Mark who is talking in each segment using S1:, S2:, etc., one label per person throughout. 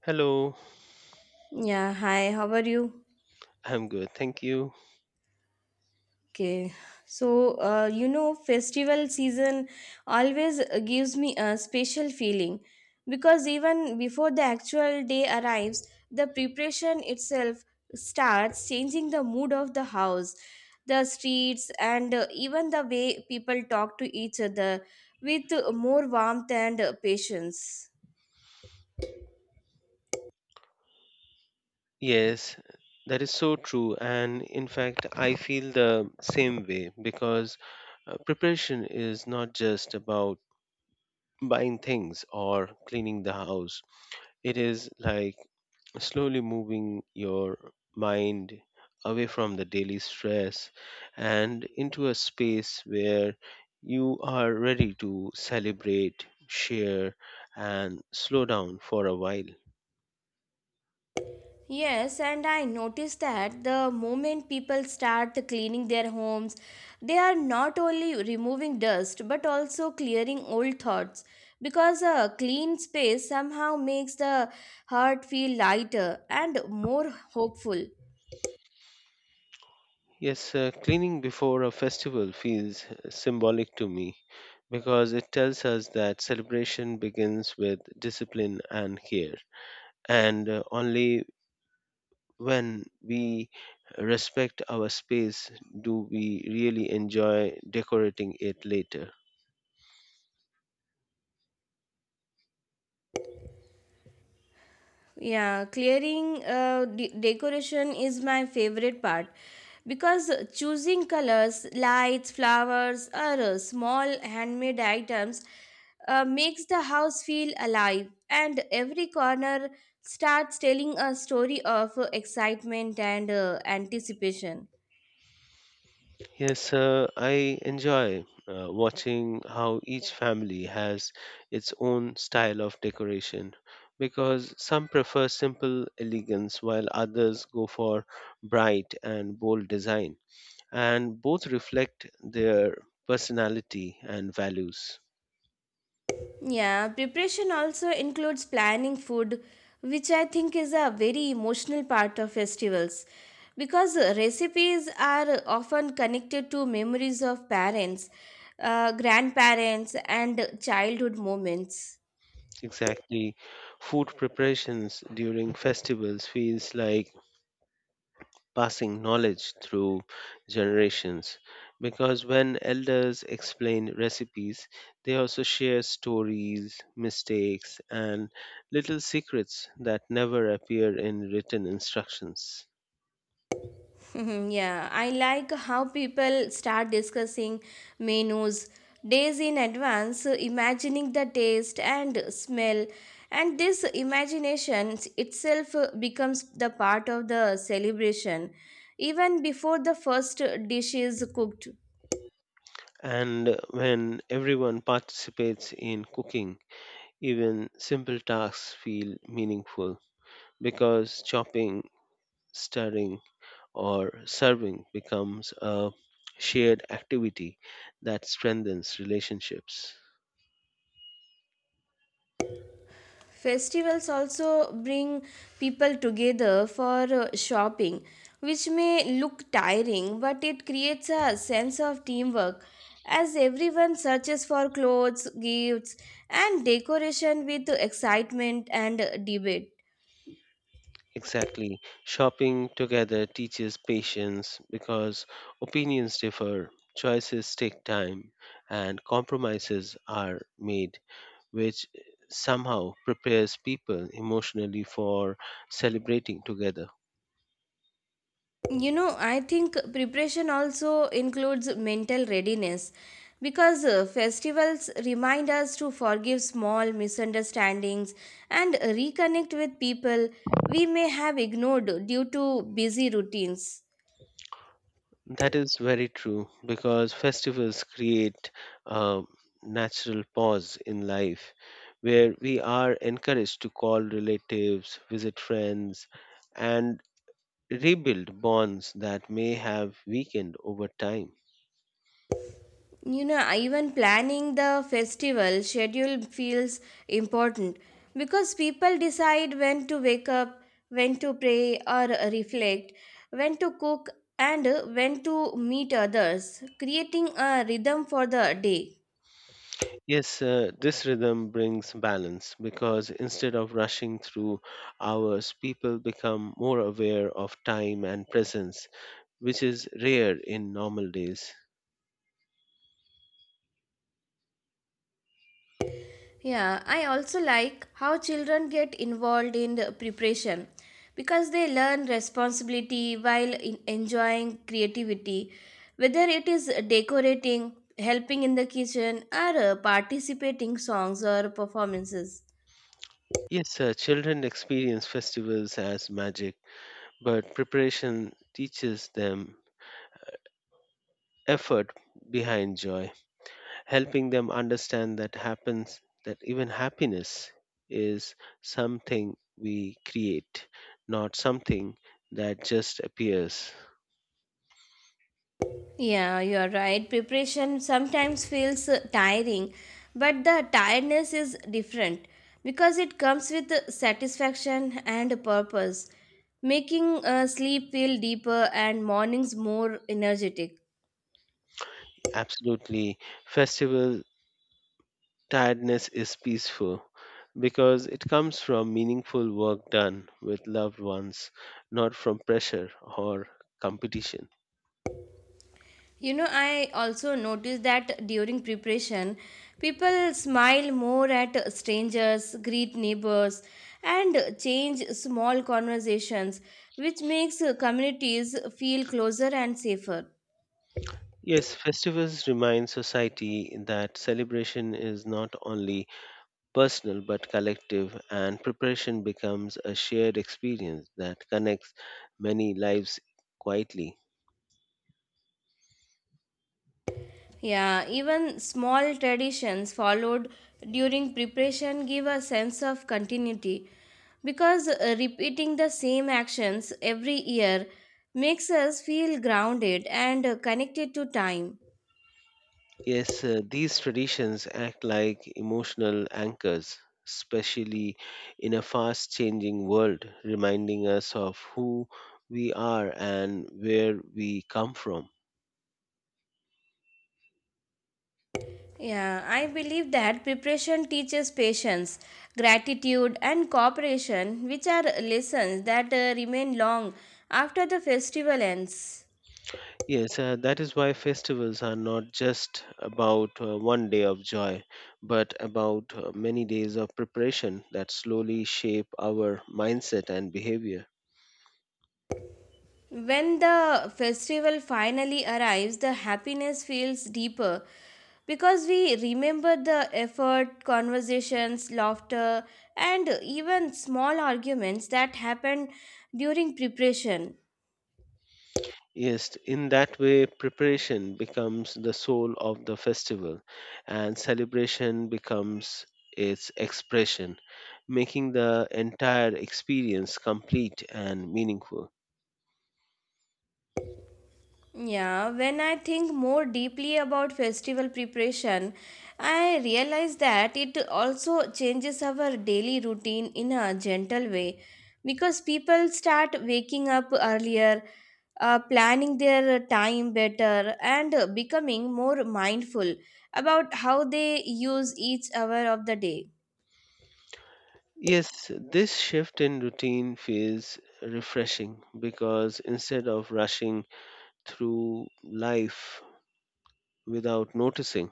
S1: Hello,
S2: Yeah, hi, how are you?
S1: I'm good, thank you.
S2: Okay, so festival season always gives me a special feeling because even before the actual day arrives, the preparation itself starts changing the mood of the house, the streets, and even the way people talk to each other with more warmth and patience.
S1: Yes, that is so true. And in fact, I feel the same way because preparation is not just about buying things or cleaning the house, it is like slowly moving your mind away from the daily stress and into a space where you are ready to celebrate, share, and slow down for a while.
S2: Yes, and I noticed that the moment people start cleaning their homes, they are not only removing dust but also clearing old thoughts because a clean space somehow makes the heart feel lighter and more hopeful.
S1: Yes, cleaning before a festival feels symbolic to me because it tells us that celebration begins with discipline and care. And only when we respect our space do we really enjoy decorating it later.
S2: Yeah, clearing decoration is my favorite part because choosing colors, lights, flowers, or small handmade items makes the house feel alive, and every corner starts telling a story of excitement and anticipation.
S1: Yes, I enjoy watching how each family has its own style of decoration because some prefer simple elegance while others go for bright and bold design, and both reflect their personality and values.
S2: Yeah, preparation also includes planning food, which I think is a very emotional part of festivals. Because recipes are often connected to memories of parents, grandparents, and childhood moments.
S1: Exactly, food preparations during festivals feels like passing knowledge through generations because when elders explain recipes they also share stories mistakes and little secrets that never appear in written instructions
S2: Mhm, yeah, I like how people start discussing menus days in advance, imagining the taste and smell. And this imagination itself becomes the part of the celebration, even before the first dish is cooked.
S1: and when everyone participates in cooking even simple tasks feel meaningful because chopping stirring or serving becomes a shared activity that strengthens relationships.
S2: Festivals also bring people together for shopping, which may look tiring, but it creates a sense of teamwork as everyone searches for clothes, gifts, and decoration with excitement and debate.
S1: Exactly. Shopping together teaches patience because opinions differ, choices take time, and compromises are made, which somehow prepares people emotionally for celebrating together.
S2: I think preparation also includes mental readiness because festivals remind us to forgive small misunderstandings and reconnect with people we may have ignored due to busy routines
S1: That is very true because festivals create a natural pause in life where we are encouraged to call relatives, visit friends, and rebuild bonds that may have weakened over time.
S2: you know Even planning the festival schedule feels important because people decide when to wake up, when to pray or reflect, when to cook, and when to meet others, creating a rhythm for the day.
S1: Yes, this rhythm brings balance because instead of rushing through hours, people become more aware of time and presence, which is rare in normal days.
S2: Yeah, I also like how children get involved in the preparation because they learn responsibility while in enjoying creativity, whether it is decorating, helping in the kitchen, or participating songs or performances.
S1: Yes, sir, children experience festivals as magic, but preparation teaches them effort behind joy, helping them understand that happens that even happiness is something we create, not something that just appears.
S2: Yeah, you are right. Preparation sometimes feels tiring, but the tiredness is different because it comes with satisfaction and purpose, making sleep feel deeper and mornings more energetic.
S1: Absolutely, festival tiredness is peaceful because it comes from meaningful work done with loved ones, not from pressure or competition.
S2: You know, I also noticed that during preparation, people smile more at strangers, greet neighbors, and change small conversations, which makes communities feel closer and safer.
S1: Yes, festivals remind society that celebration is not only personal but collective, and preparation becomes a shared experience that connects many lives quietly.
S2: Yeah, even small traditions followed during preparation give a sense of continuity because repeating the same actions every year makes us feel grounded and connected to time.
S1: Yes, these traditions act like emotional anchors, especially in a fast changing world, reminding us of who we are and where we come from.
S2: Yeah, I believe that preparation teaches patience, gratitude, and cooperation, which are lessons that remain long after the festival ends.
S1: Yes, that is why festivals are not just about one day of joy, but about many days of preparation that slowly shape our mindset and behavior.
S2: When the festival finally arrives, the happiness feels deeper because we remember the effort, conversations, laughter, and even small arguments that happened during preparation.
S1: Yes, in that way, preparation becomes the soul of the festival and celebration becomes its expression, making the entire experience complete and meaningful.
S2: Yeah, when I think more deeply about festival preparation, I realize that it also changes our daily routine in a gentle way because people start waking up earlier, planning their time better, and becoming more mindful about how they use each hour of the day.
S1: Yes, this shift in routine feels refreshing because instead of rushing through life without noticing,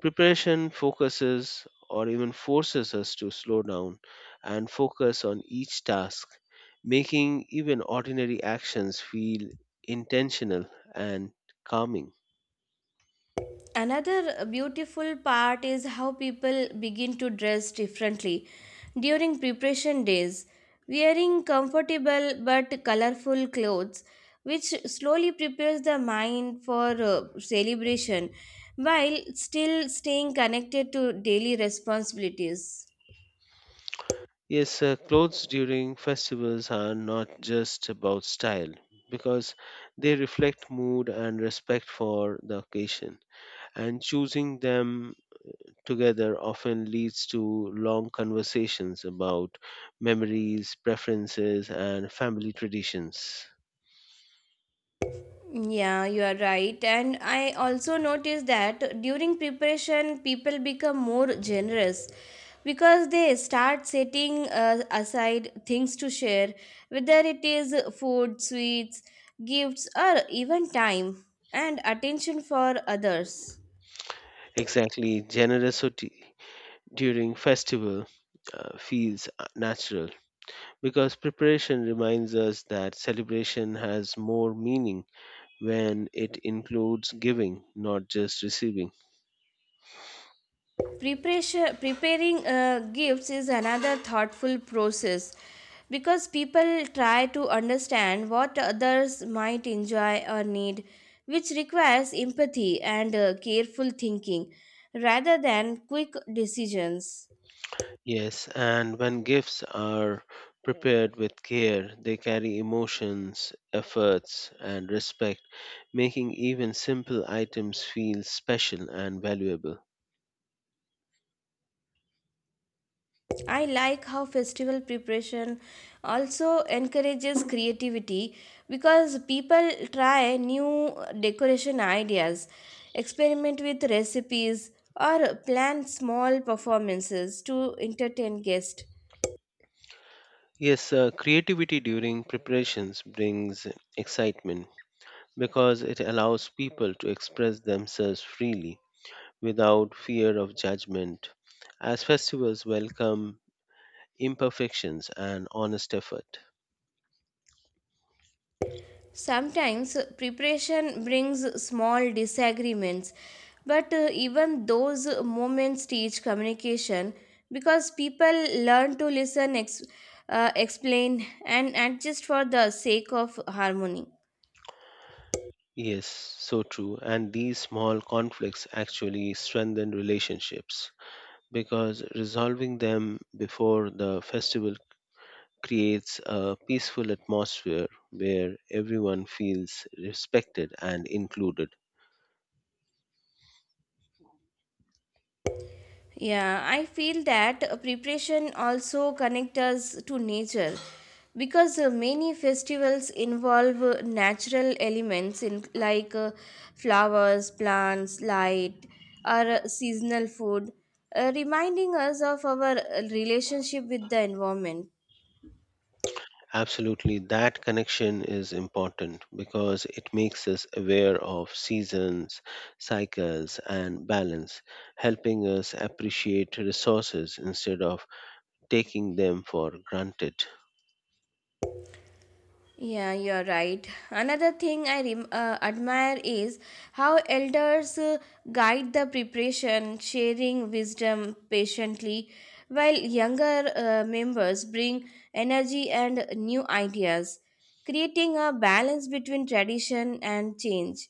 S1: preparation focuses or even forces us to slow down and focus on each task, making even ordinary actions feel intentional and calming.
S2: Another beautiful part is how people begin to dress differently during preparation days, wearing comfortable but colorful clothes, which slowly prepares the mind for celebration while still staying connected to daily responsibilities.
S1: Yes, clothes during festivals are not just about style because they reflect mood and respect for the occasion, and choosing them together often leads to long conversations about memories, preferences, and family traditions.
S2: Yeah, you are right. And I also noticed that during preparation, people become more generous because they start setting aside things to share, whether it is food, sweets, gifts, or even time and attention for others.
S1: Exactly, generosity during festival feels natural because preparation reminds us that celebration has more meaning when it includes giving, not just receiving.
S2: Preparation preparing gifts is another thoughtful process because people try to understand what others might enjoy or need, which requires empathy and careful thinking rather than quick decisions.
S1: Yes, and when gifts are prepared with care, they carry emotions, efforts, and respect, making even simple items feel special and valuable.
S2: I like how festival preparation also encourages creativity because people try new decoration ideas, experiment with recipes, or plan small performances to entertain guests.
S1: Yes, creativity during preparations brings excitement because it allows people to express themselves freely without fear of judgment. As festivals welcome imperfections and honest effort.
S2: Sometimes preparation brings small disagreements, but even those moments teach communication because people learn to listen, explain, and adjust for the sake of harmony.
S1: Yes, so true. And these small conflicts actually strengthen relationships because resolving them before the festival creates a peaceful atmosphere where everyone feels respected and included.
S2: Yeah, I feel that preparation also connects us to nature because many festivals involve natural elements in like flowers, plants, light, or seasonal food, reminding us of our relationship with the environment.
S1: Absolutely, that connection is important because it makes us aware of seasons, cycles, and balance, helping us appreciate resources instead of taking them for granted.
S2: Yeah, you're right. Another thing I admire is how elders guide the preparation, sharing wisdom patiently, while younger members bring energy and new ideas, creating a balance between tradition and change.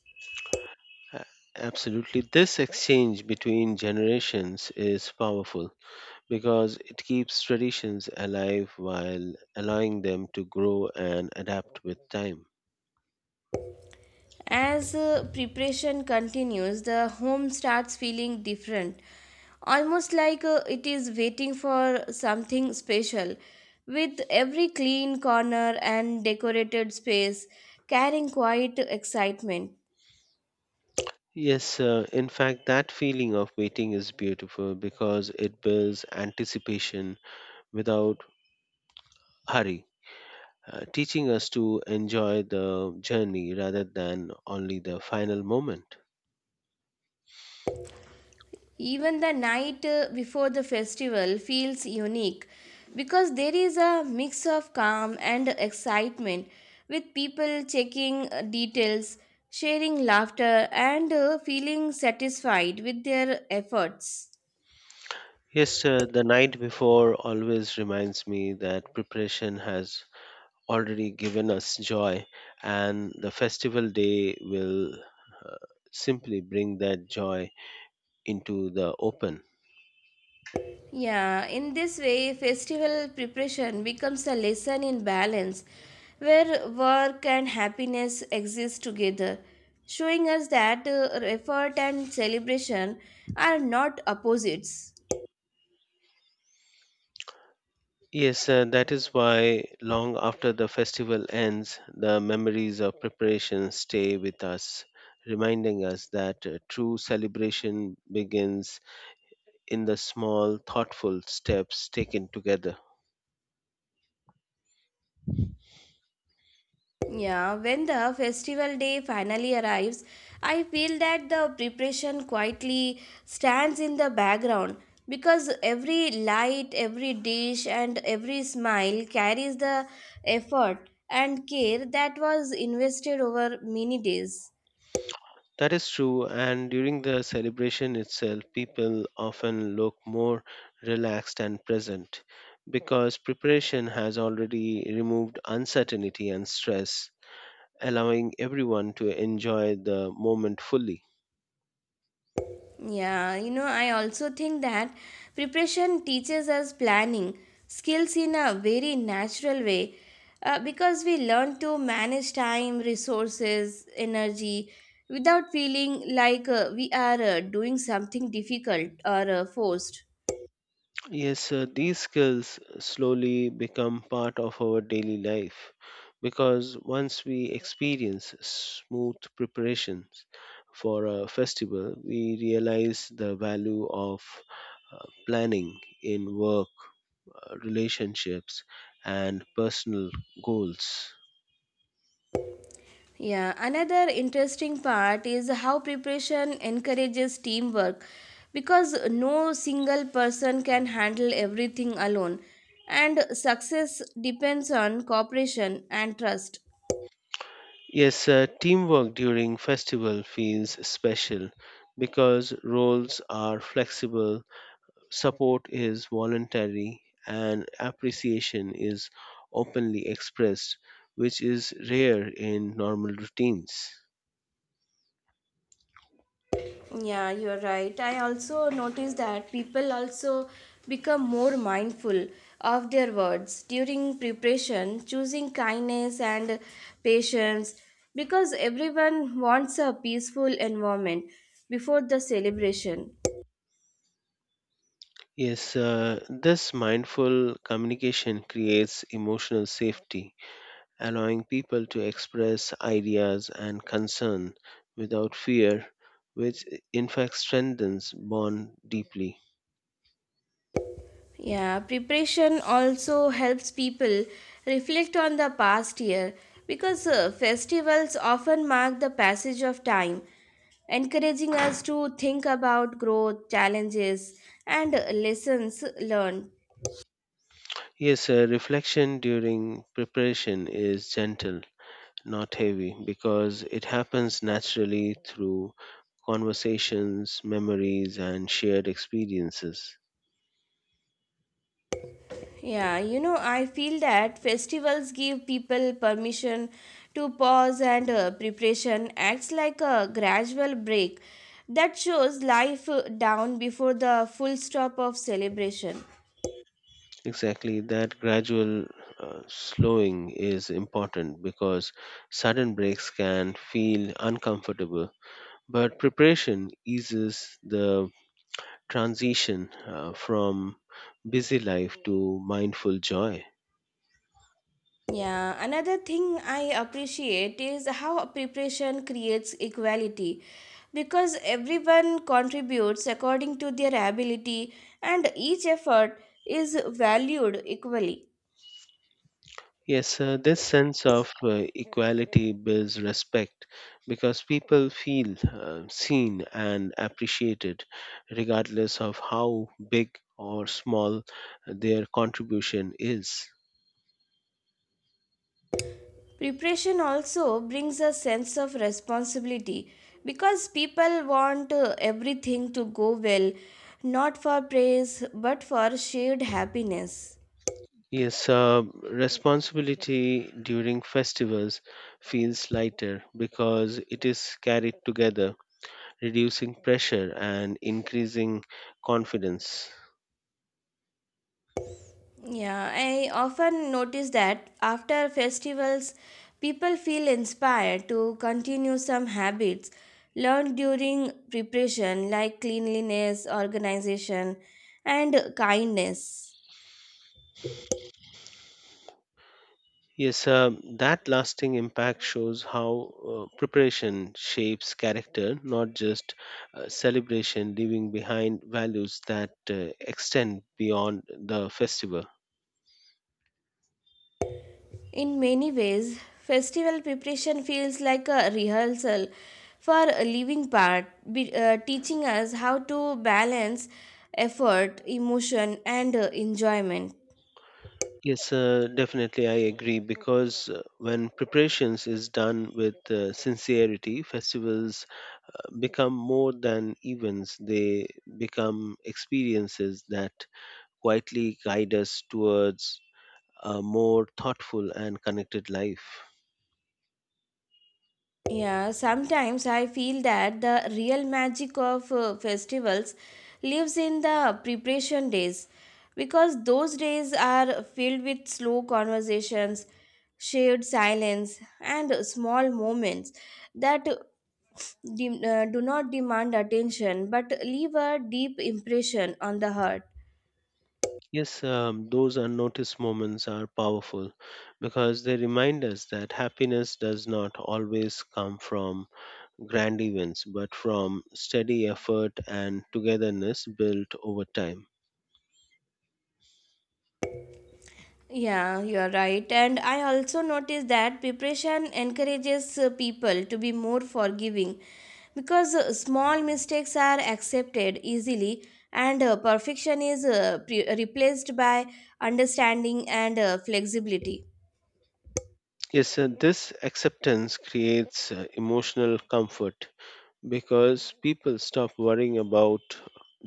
S1: A- Absolutely. This exchange between generations is powerful because it keeps traditions alive while allowing them to grow and adapt with time.
S2: As preparation continues, the home starts feeling different, almost like it is waiting for something special, with every clean corner and decorated space carrying quiet excitement.
S1: Yes, in fact, that feeling of waiting is beautiful because it builds anticipation without hurry, teaching us to enjoy the journey rather than only the final moment.
S2: Even the night before the festival feels unique because there is a mix of calm and excitement with people checking details, sharing laughter, and feeling satisfied with their efforts.
S1: Yes, the night before always reminds me that preparation has already given us joy, and the festival day will simply bring that joy into the open.
S2: Yeah, in this way, festival preparation becomes a lesson in balance where work and happiness exist together, showing us that effort and celebration are not opposites.
S1: Yes, that is why long after the festival ends, the memories of preparation stay with us, reminding us that true celebration begins in the small, thoughtful steps taken together.
S2: Yeah, when the festival day finally arrives, I feel that the preparation quietly stands in the background because every light, every dish, and every smile carries the effort and care that was invested over many days.
S1: That is true, and during the celebration itself, people often look more relaxed and present because preparation has already removed uncertainty and stress, allowing everyone to enjoy the moment fully.
S2: Yeah, you know, I also think that preparation teaches us planning skills in a very natural way, because we learn to manage time, resources, energy without feeling like we are doing something difficult or forced.
S1: Yes, these skills slowly become part of our daily life because once we experience smooth preparations for a festival, we realize the value of planning in work, relationships, and personal goals.
S2: Yeah, another interesting part is how preparation encourages teamwork because no single person can handle everything alone, and success depends on cooperation and trust.
S1: Yes, teamwork during festival feels special because roles are flexible. Support is voluntary and appreciation is openly expressed, which is rare in normal routines.
S2: Yeah, you're right. I also noticed that people also become more mindful of their words during preparation, choosing kindness and patience because everyone wants a peaceful environment before the celebration.
S1: Yes, this mindful communication creates emotional safety, allowing people to express ideas and concern without fear, which in fact strengthens bond deeply.
S2: Yeah, preparation also helps people reflect on the past year because festivals often mark the passage of time, encouraging us to think about growth, challenges, and lessons learned.
S1: Yes, reflection during preparation is gentle not heavy, because it happens naturally through conversations, memories, and shared experiences.
S2: Yeah, you know, I feel that festivals give people permission to pause, and preparation acts like a gradual break that shows life down before the full stop of celebration.
S1: Exactly, that gradual slowing is important because sudden breaks can feel uncomfortable, but preparation eases the transition from busy life to mindful joy.
S2: Yeah, another thing I appreciate is how preparation creates equality because everyone contributes according to their ability and each effort is valued equally.
S1: Yes, this sense of equality builds respect because people feel seen and appreciated regardless of how big or small their contribution is.
S2: Preparation also brings a sense of responsibility because people want everything to go well, not for praise but for shared happiness.
S1: Yes, responsibility during festivals feels lighter because it is carried together, reducing pressure and increasing confidence.
S2: Yeah, I often notice that after festivals, people feel inspired to continue some habits learned during preparation, like cleanliness, organization, and kindness.
S1: Yes, that lasting impact shows how preparation shapes character, not just celebration, leaving behind values that extend beyond the festival.
S2: In many ways, festival preparation feels like a rehearsal for a living part, teaching us how to balance effort, emotion, and enjoyment.
S1: Yes, definitely, I agree because when preparations is done with sincerity, festivals become more than events, they become experiences that quietly guide us towards a more thoughtful and connected life.
S2: Yeah, sometimes I feel that the real magic of festivals lives in the preparation days because those days are filled with slow conversations, shared silence, and small moments that do not demand attention but leave a deep impression on the heart.
S1: Yes, those unnoticed moments are powerful because they remind us that happiness does not always come from grand events but from steady effort and togetherness built over time.
S2: Yeah, you are right. And I also noticed that preparation encourages people to be more forgiving because small mistakes are accepted easily and perfection is replaced by understanding and flexibility.
S1: Yes, this acceptance creates emotional comfort because people stop worrying about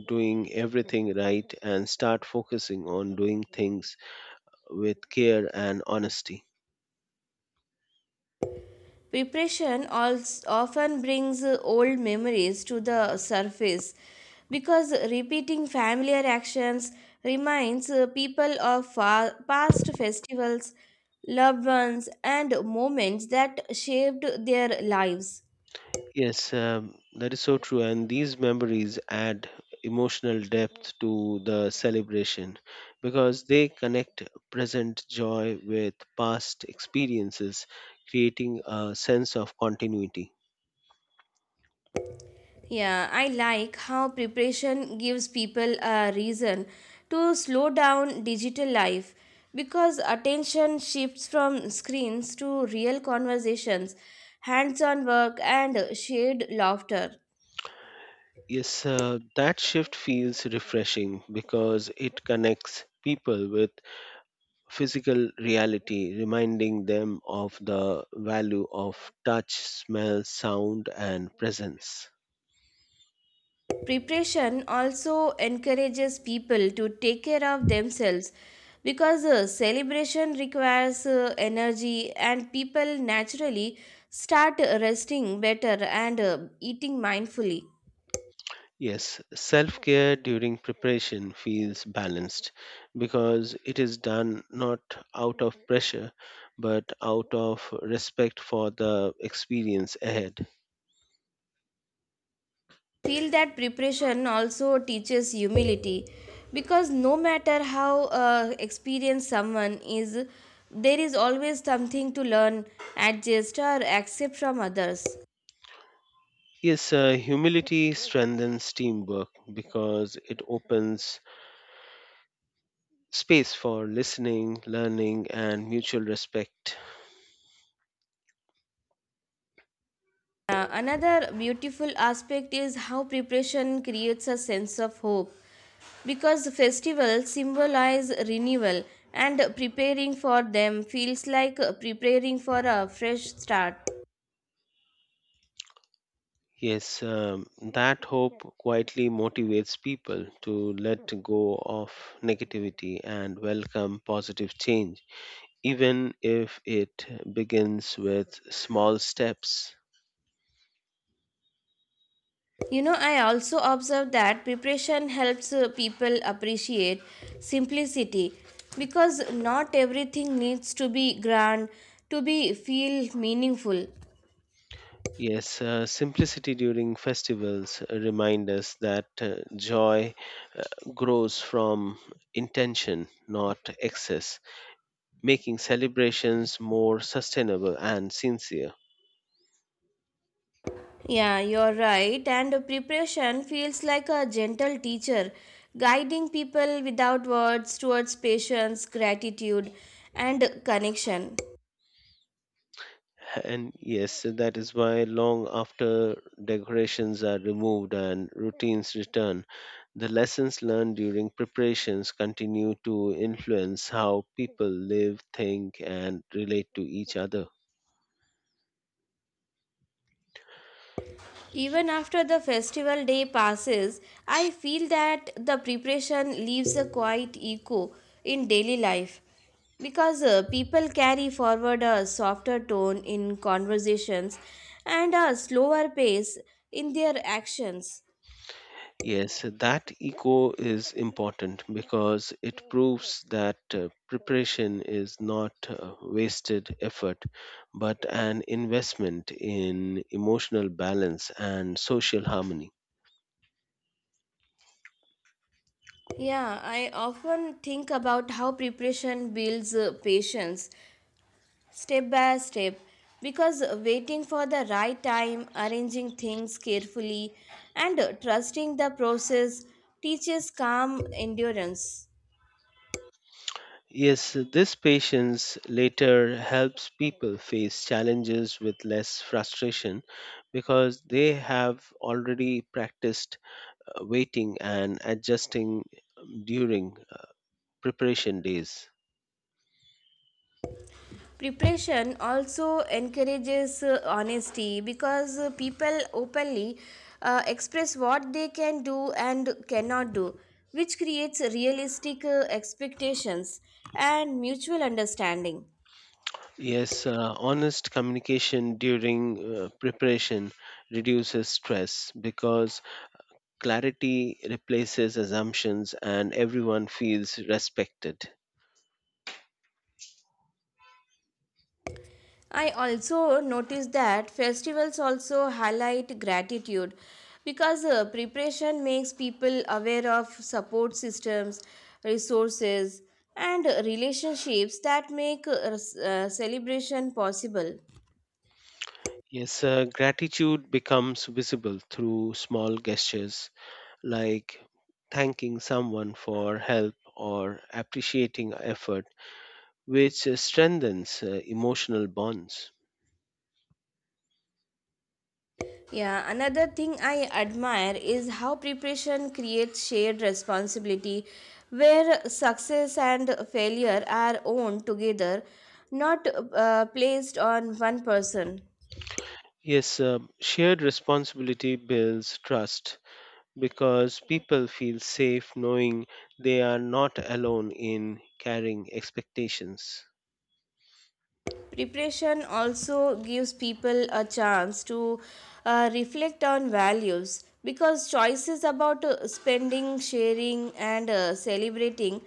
S1: doing everything right and start focusing on doing things with care and honesty.
S2: Preparation also often brings old memories to the surface because repeating familiar actions reminds people of past festivals, loved ones, and moments that shaped their lives.
S1: Yes, that is so true. And these memories add emotional depth to the celebration because they connect present joy with past experiences, creating a sense of continuity.
S2: Yeah, I like how preparation gives people a reason to slow down digital life because attention shifts from screens to real conversations, hands on work, and shared laughter.
S1: Yes, that shift feels refreshing because it connects people with physical reality, reminding them of the value of touch, smell, sound, and presence.
S2: Preparation also encourages people to take care of themselves because celebration requires energy, and people naturally start resting better and eating mindfully.
S1: Yes, self care during preparation feels balanced because it is done not out of pressure but out of respect for the experience ahead.
S2: Feel that preparation also teaches humility because no matter how experienced someone is, there is always something to learn, adjust, or accept from others.
S1: Yes, humility strengthens teamwork because it opens space for listening, learning, and mutual respect.
S2: Another beautiful aspect is how preparation creates a sense of hope because festivals symbolize renewal and preparing for them feels like preparing for a fresh start.
S1: Yes, that hope quietly motivates people to let go of negativity and welcome positive change, even if it begins with small steps.
S2: You know, I also observe that preparation helps people appreciate simplicity because not everything needs to be grand to be feel meaningful.
S1: Yes, simplicity during festivals remind us that joy uh, grows from intention, not excess, making celebrations more sustainable and sincere.
S2: Yeah, you're right. And preparation feels like a gentle teacher, guiding people without words towards patience, gratitude, and connection.
S1: And yes, so that is why long after decorations are removed and routines return, the lessons learned during preparations continue to influence how people live, think, and relate to each other.
S2: Even after the festival day passes, I feel that the preparation leaves a quiet echo in daily life because people carry forward a softer tone in conversations and a slower pace in their actions.
S1: Yes, that echo is important because it proves that preparation is not wasted effort but an investment in emotional balance and social harmony.
S2: Yeah, I often think about how preparation builds patience step by step, because waiting for the right time, arranging things carefully, and trusting the process teaches calm endurance.
S1: Yes, this patience later helps people face challenges with less frustration because they have already practiced waiting and adjusting during preparation days.
S2: Preparation also encourages honesty because people openly express what they can do and cannot do, which creates realistic expectations and mutual understanding.
S1: Yes, honest communication during preparation reduces stress because clarity replaces assumptions and everyone feels respected.
S2: I also noticed that festivals also highlight gratitude because preparation makes people aware of support systems, resources, and relationships that make celebration possible.
S1: Yes, gratitude becomes visible through small gestures like thanking someone for help or appreciating effort, which strengthens emotional bonds.
S2: Yeah, another thing I admire is how preparation creates shared responsibility where success and failure are owned together, not placed on one person.
S1: Yes, shared responsibility builds trust because people feel safe knowing they are not alone in carrying expectations.
S2: Preparation also gives people a chance to reflect on values because choices about spending, sharing, and celebrating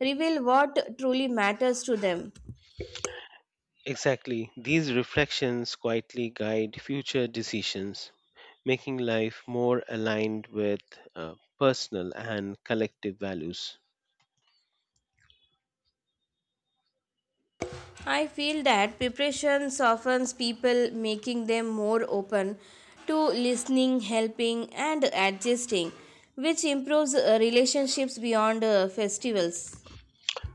S2: reveal what truly matters to them.
S1: Exactly, these reflections quietly guide future decisions making life more aligned with personal and collective values.
S2: I feel that preparation softens people, making them more open to listening, helping, and adjusting, which improves relationships beyond festivals.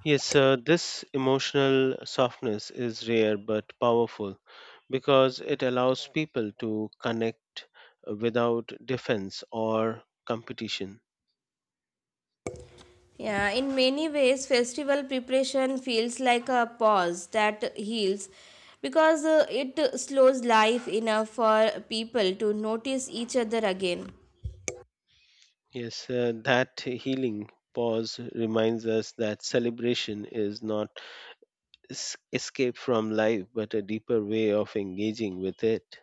S1: Yes, this emotional softness is rare but powerful because it allows people to connect without defense or competition.
S2: Yeah, in many ways, festival preparation feels like a pause that heals because it slows life enough for people to notice each other again.
S1: Yes, that healing pause reminds us that celebration is not escape from life but a deeper way of engaging with it.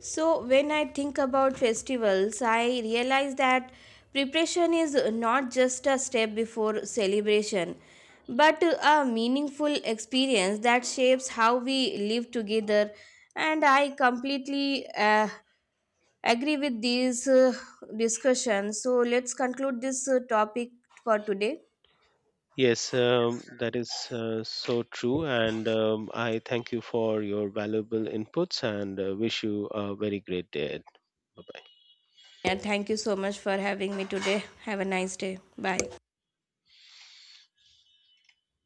S2: So, when I think about festivals, I realize that preparation is not just a step before celebration, but a meaningful experience that shapes how we live together. And I completely agree with these discussions. So let's conclude this topic for today.
S1: Yes, that is so true. And I thank you for your valuable inputs and wish you a very great day. Bye bye.
S2: And thank you so much for having me today. Have a nice day. Bye.